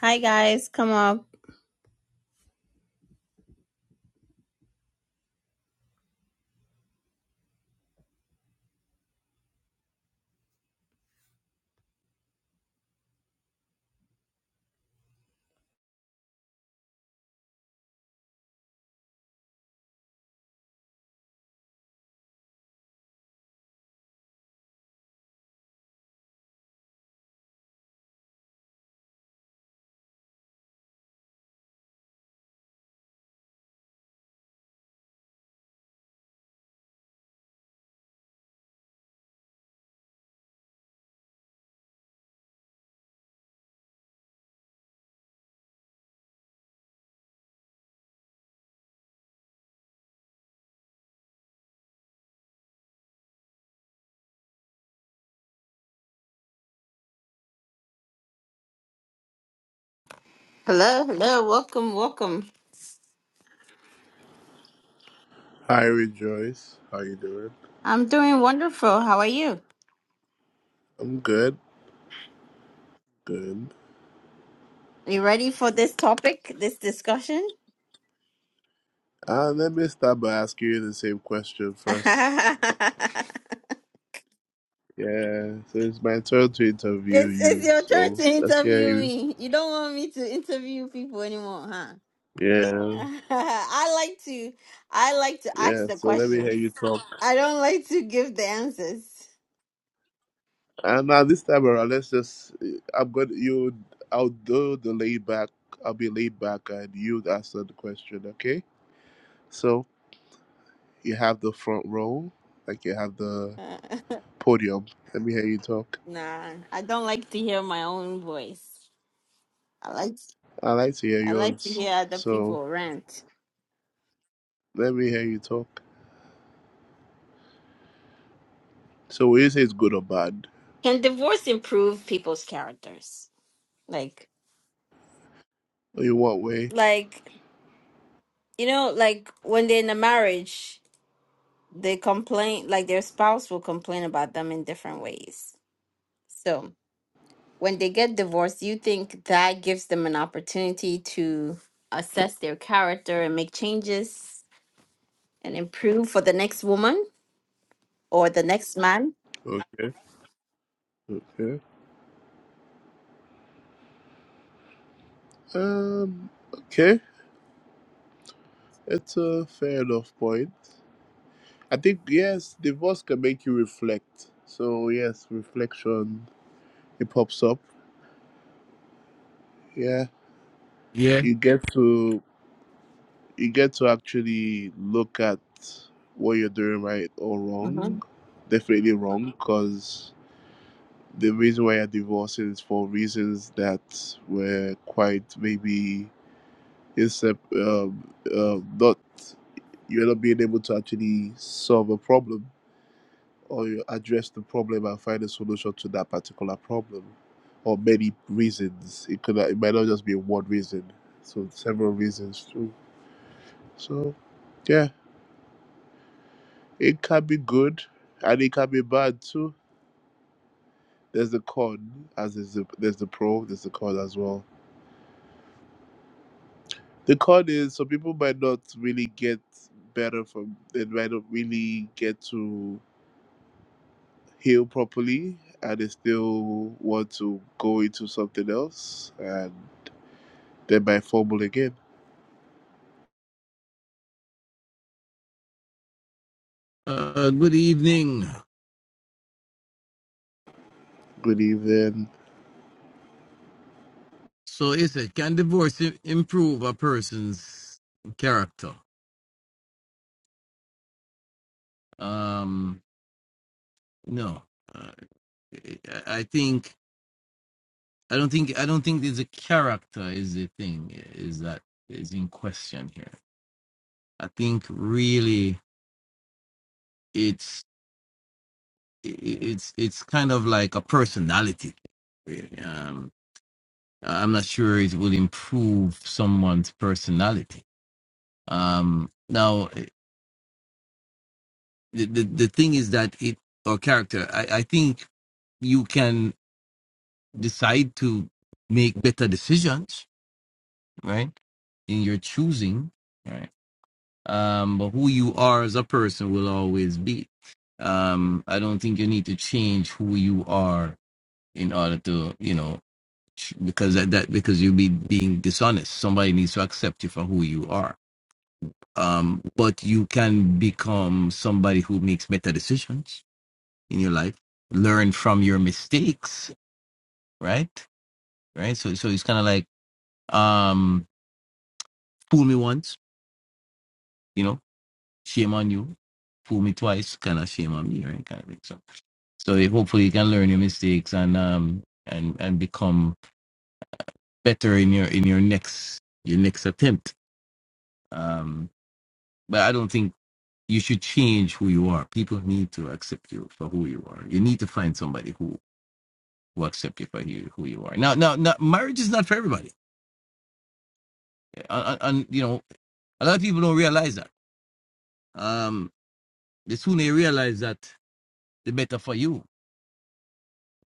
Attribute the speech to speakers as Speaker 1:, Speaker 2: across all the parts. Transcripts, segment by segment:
Speaker 1: Hi guys, come up. Hello, hello, welcome, welcome.
Speaker 2: Hi, Rejoice. How you doing?
Speaker 1: I'm doing wonderful. How are you?
Speaker 2: I'm good. Good.
Speaker 1: Are You ready for this topic, this discussion?
Speaker 2: Uh, let me start by asking you the same question
Speaker 1: it's
Speaker 2: first. Yeah, so it's my turn to interview
Speaker 1: it's
Speaker 2: you.
Speaker 1: your turn
Speaker 2: So
Speaker 1: to
Speaker 2: let's hear
Speaker 1: interview
Speaker 2: you.
Speaker 1: me. You don't want me to interview people anymore, huh?
Speaker 2: Yeah,
Speaker 1: I like to I like to ask
Speaker 2: yeah.
Speaker 1: the
Speaker 2: So let me hear
Speaker 1: questions.
Speaker 2: you talk.
Speaker 1: I don't like to give the answers.
Speaker 2: And now this time around, let's just. I'm going. to You. I'll do the laid back. I'll be laid back, and you answer the question. Okay. So you have the front row, like you have the
Speaker 1: Uh,
Speaker 2: podium. Let me hear you talk.
Speaker 1: nah, I don't like to hear my own voice. I like
Speaker 2: I like to hear
Speaker 1: I like to
Speaker 2: yours.
Speaker 1: hear other
Speaker 2: So
Speaker 1: people rant.
Speaker 2: Let me hear you talk. So will you say it's good or bad?
Speaker 1: Can divorce improve people's characters? Like,
Speaker 2: In what way?
Speaker 1: like you know, like when they're in a marriage, they complain. Like their spouse will complain about them in different ways. So when they get divorced, you think that gives them an opportunity to assess their character and make changes and improve for the next woman or the next man?
Speaker 2: Okay. Okay. Um okay. It's a fair enough point. I think yes, divorce can make you reflect. So yes, reflection it pops up. Yeah.
Speaker 3: Yeah.
Speaker 2: You get to you get to actually look at what you're doing right or wrong. Definitely wrong because the reason why you're divorcing is for reasons that were quite maybe except um, um, uh, not you are not being able to actually solve a problem or you address the problem and find a solution to that particular problem or many reasons it could it might not just be one reason so several reasons too so yeah it can be good and it can be bad too there's the con as is the, there's the pro there's the con as well the con is so people might not really get better from they might not really get to heal properly and they still want to go into something else and then by fumble again.
Speaker 3: Uh, good evening.
Speaker 2: Good evening.
Speaker 3: So, is it can divorce i- improve a person's character? Um, no. Uh, I I think I don't think I don't think there's a character is the thing is that is in question here. I think really it's i- i- it's it's kind of like a personality. thing, Really, um, I'm not sure it will improve someone's personality. Um, now the, the, the thing is that it or character I, I think you can decide to make better decisions right in your choosing right um but who you are as a person will always be um i don't think you need to change who you are in order to you know ch- because that, that because you'll be being dishonest somebody needs to accept you for who you are um but you can become somebody who makes better decisions in your life learn from your mistakes right right so so it's kind of like um fool me once you know shame on you fool me twice kind of shame on me right kind of thing so so you- hopefully you can learn your mistakes and um and and become better in your in your next your next attempt um but i don't think you should change who you are people need to accept you for who you are you need to find somebody who who accept you for you, who you are now now, now marriage is not for everybody and, and you know a lot of people don't realize that um the sooner you realize that the better for you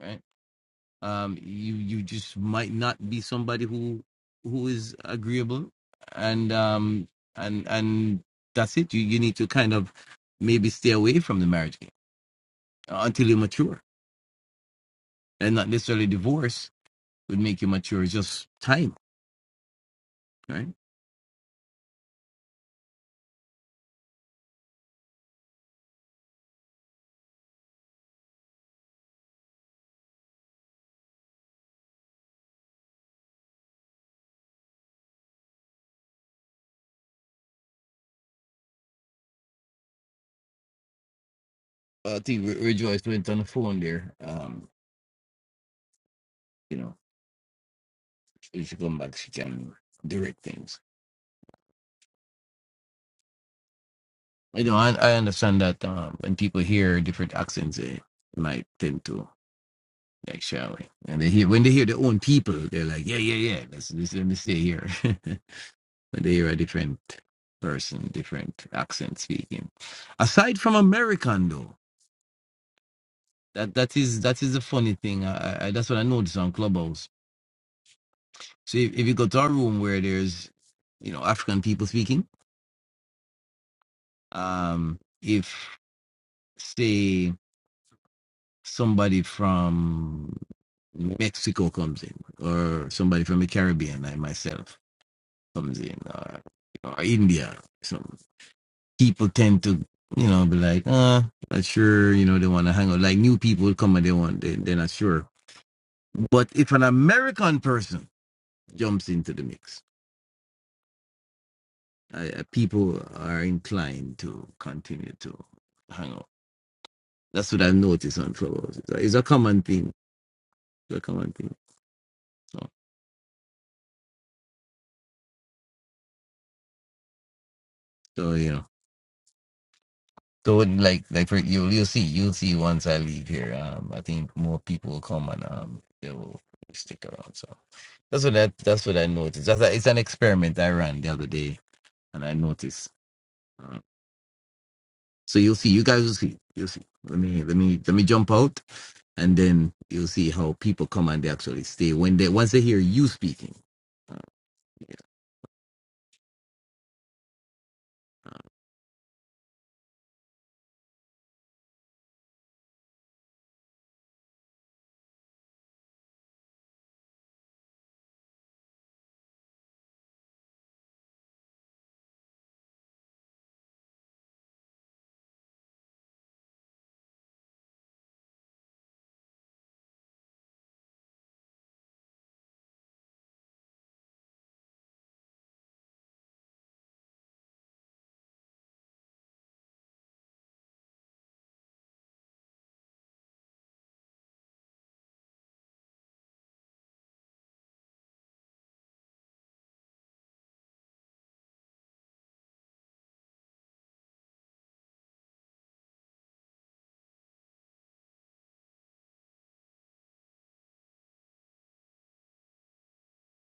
Speaker 3: right um you you just might not be somebody who who is agreeable and um and and that's it you you need to kind of maybe stay away from the marriage game until you mature and not necessarily divorce would make you mature it's just time right i think Re- rejoice went on the phone there um you know she should come back she can direct things You know, I, I understand that um, when people hear different accents, they might tend to like shout. And they hear when they hear their own people, they're like, yeah, yeah, yeah. Let's, let's let me stay here. when they hear a different person, different accent speaking. Aside from American, though, that that is that is the funny thing. I, I I- that's what I noticed on Clubhouse. So if, if you go to a room where there's, you know, African people speaking, um, if say somebody from Mexico comes in, or somebody from the Caribbean, like myself, comes in, or, or India. Some people tend to, you know, be like, ah, not sure, you know, they want to hang out. Like new people come and they want, they, they're not sure. But if an American person jumps into the mix, I, I- people are inclined to continue to hang out. That's what I've noticed on Clubhouse. It's a, it's a common thing. It's a common thing. So, so yeah. So like like for you'll you'll see you'll see once I leave here. Um, I think more people will come and um they will stick around. So that's what that that's what I noticed. That's a, it's an experiment I ran the other day, and I noticed. Uh, so you'll see. You guys will see. You'll see. Let me let me let me jump out, and then you'll see how people come and they actually stay when they once they hear you speaking.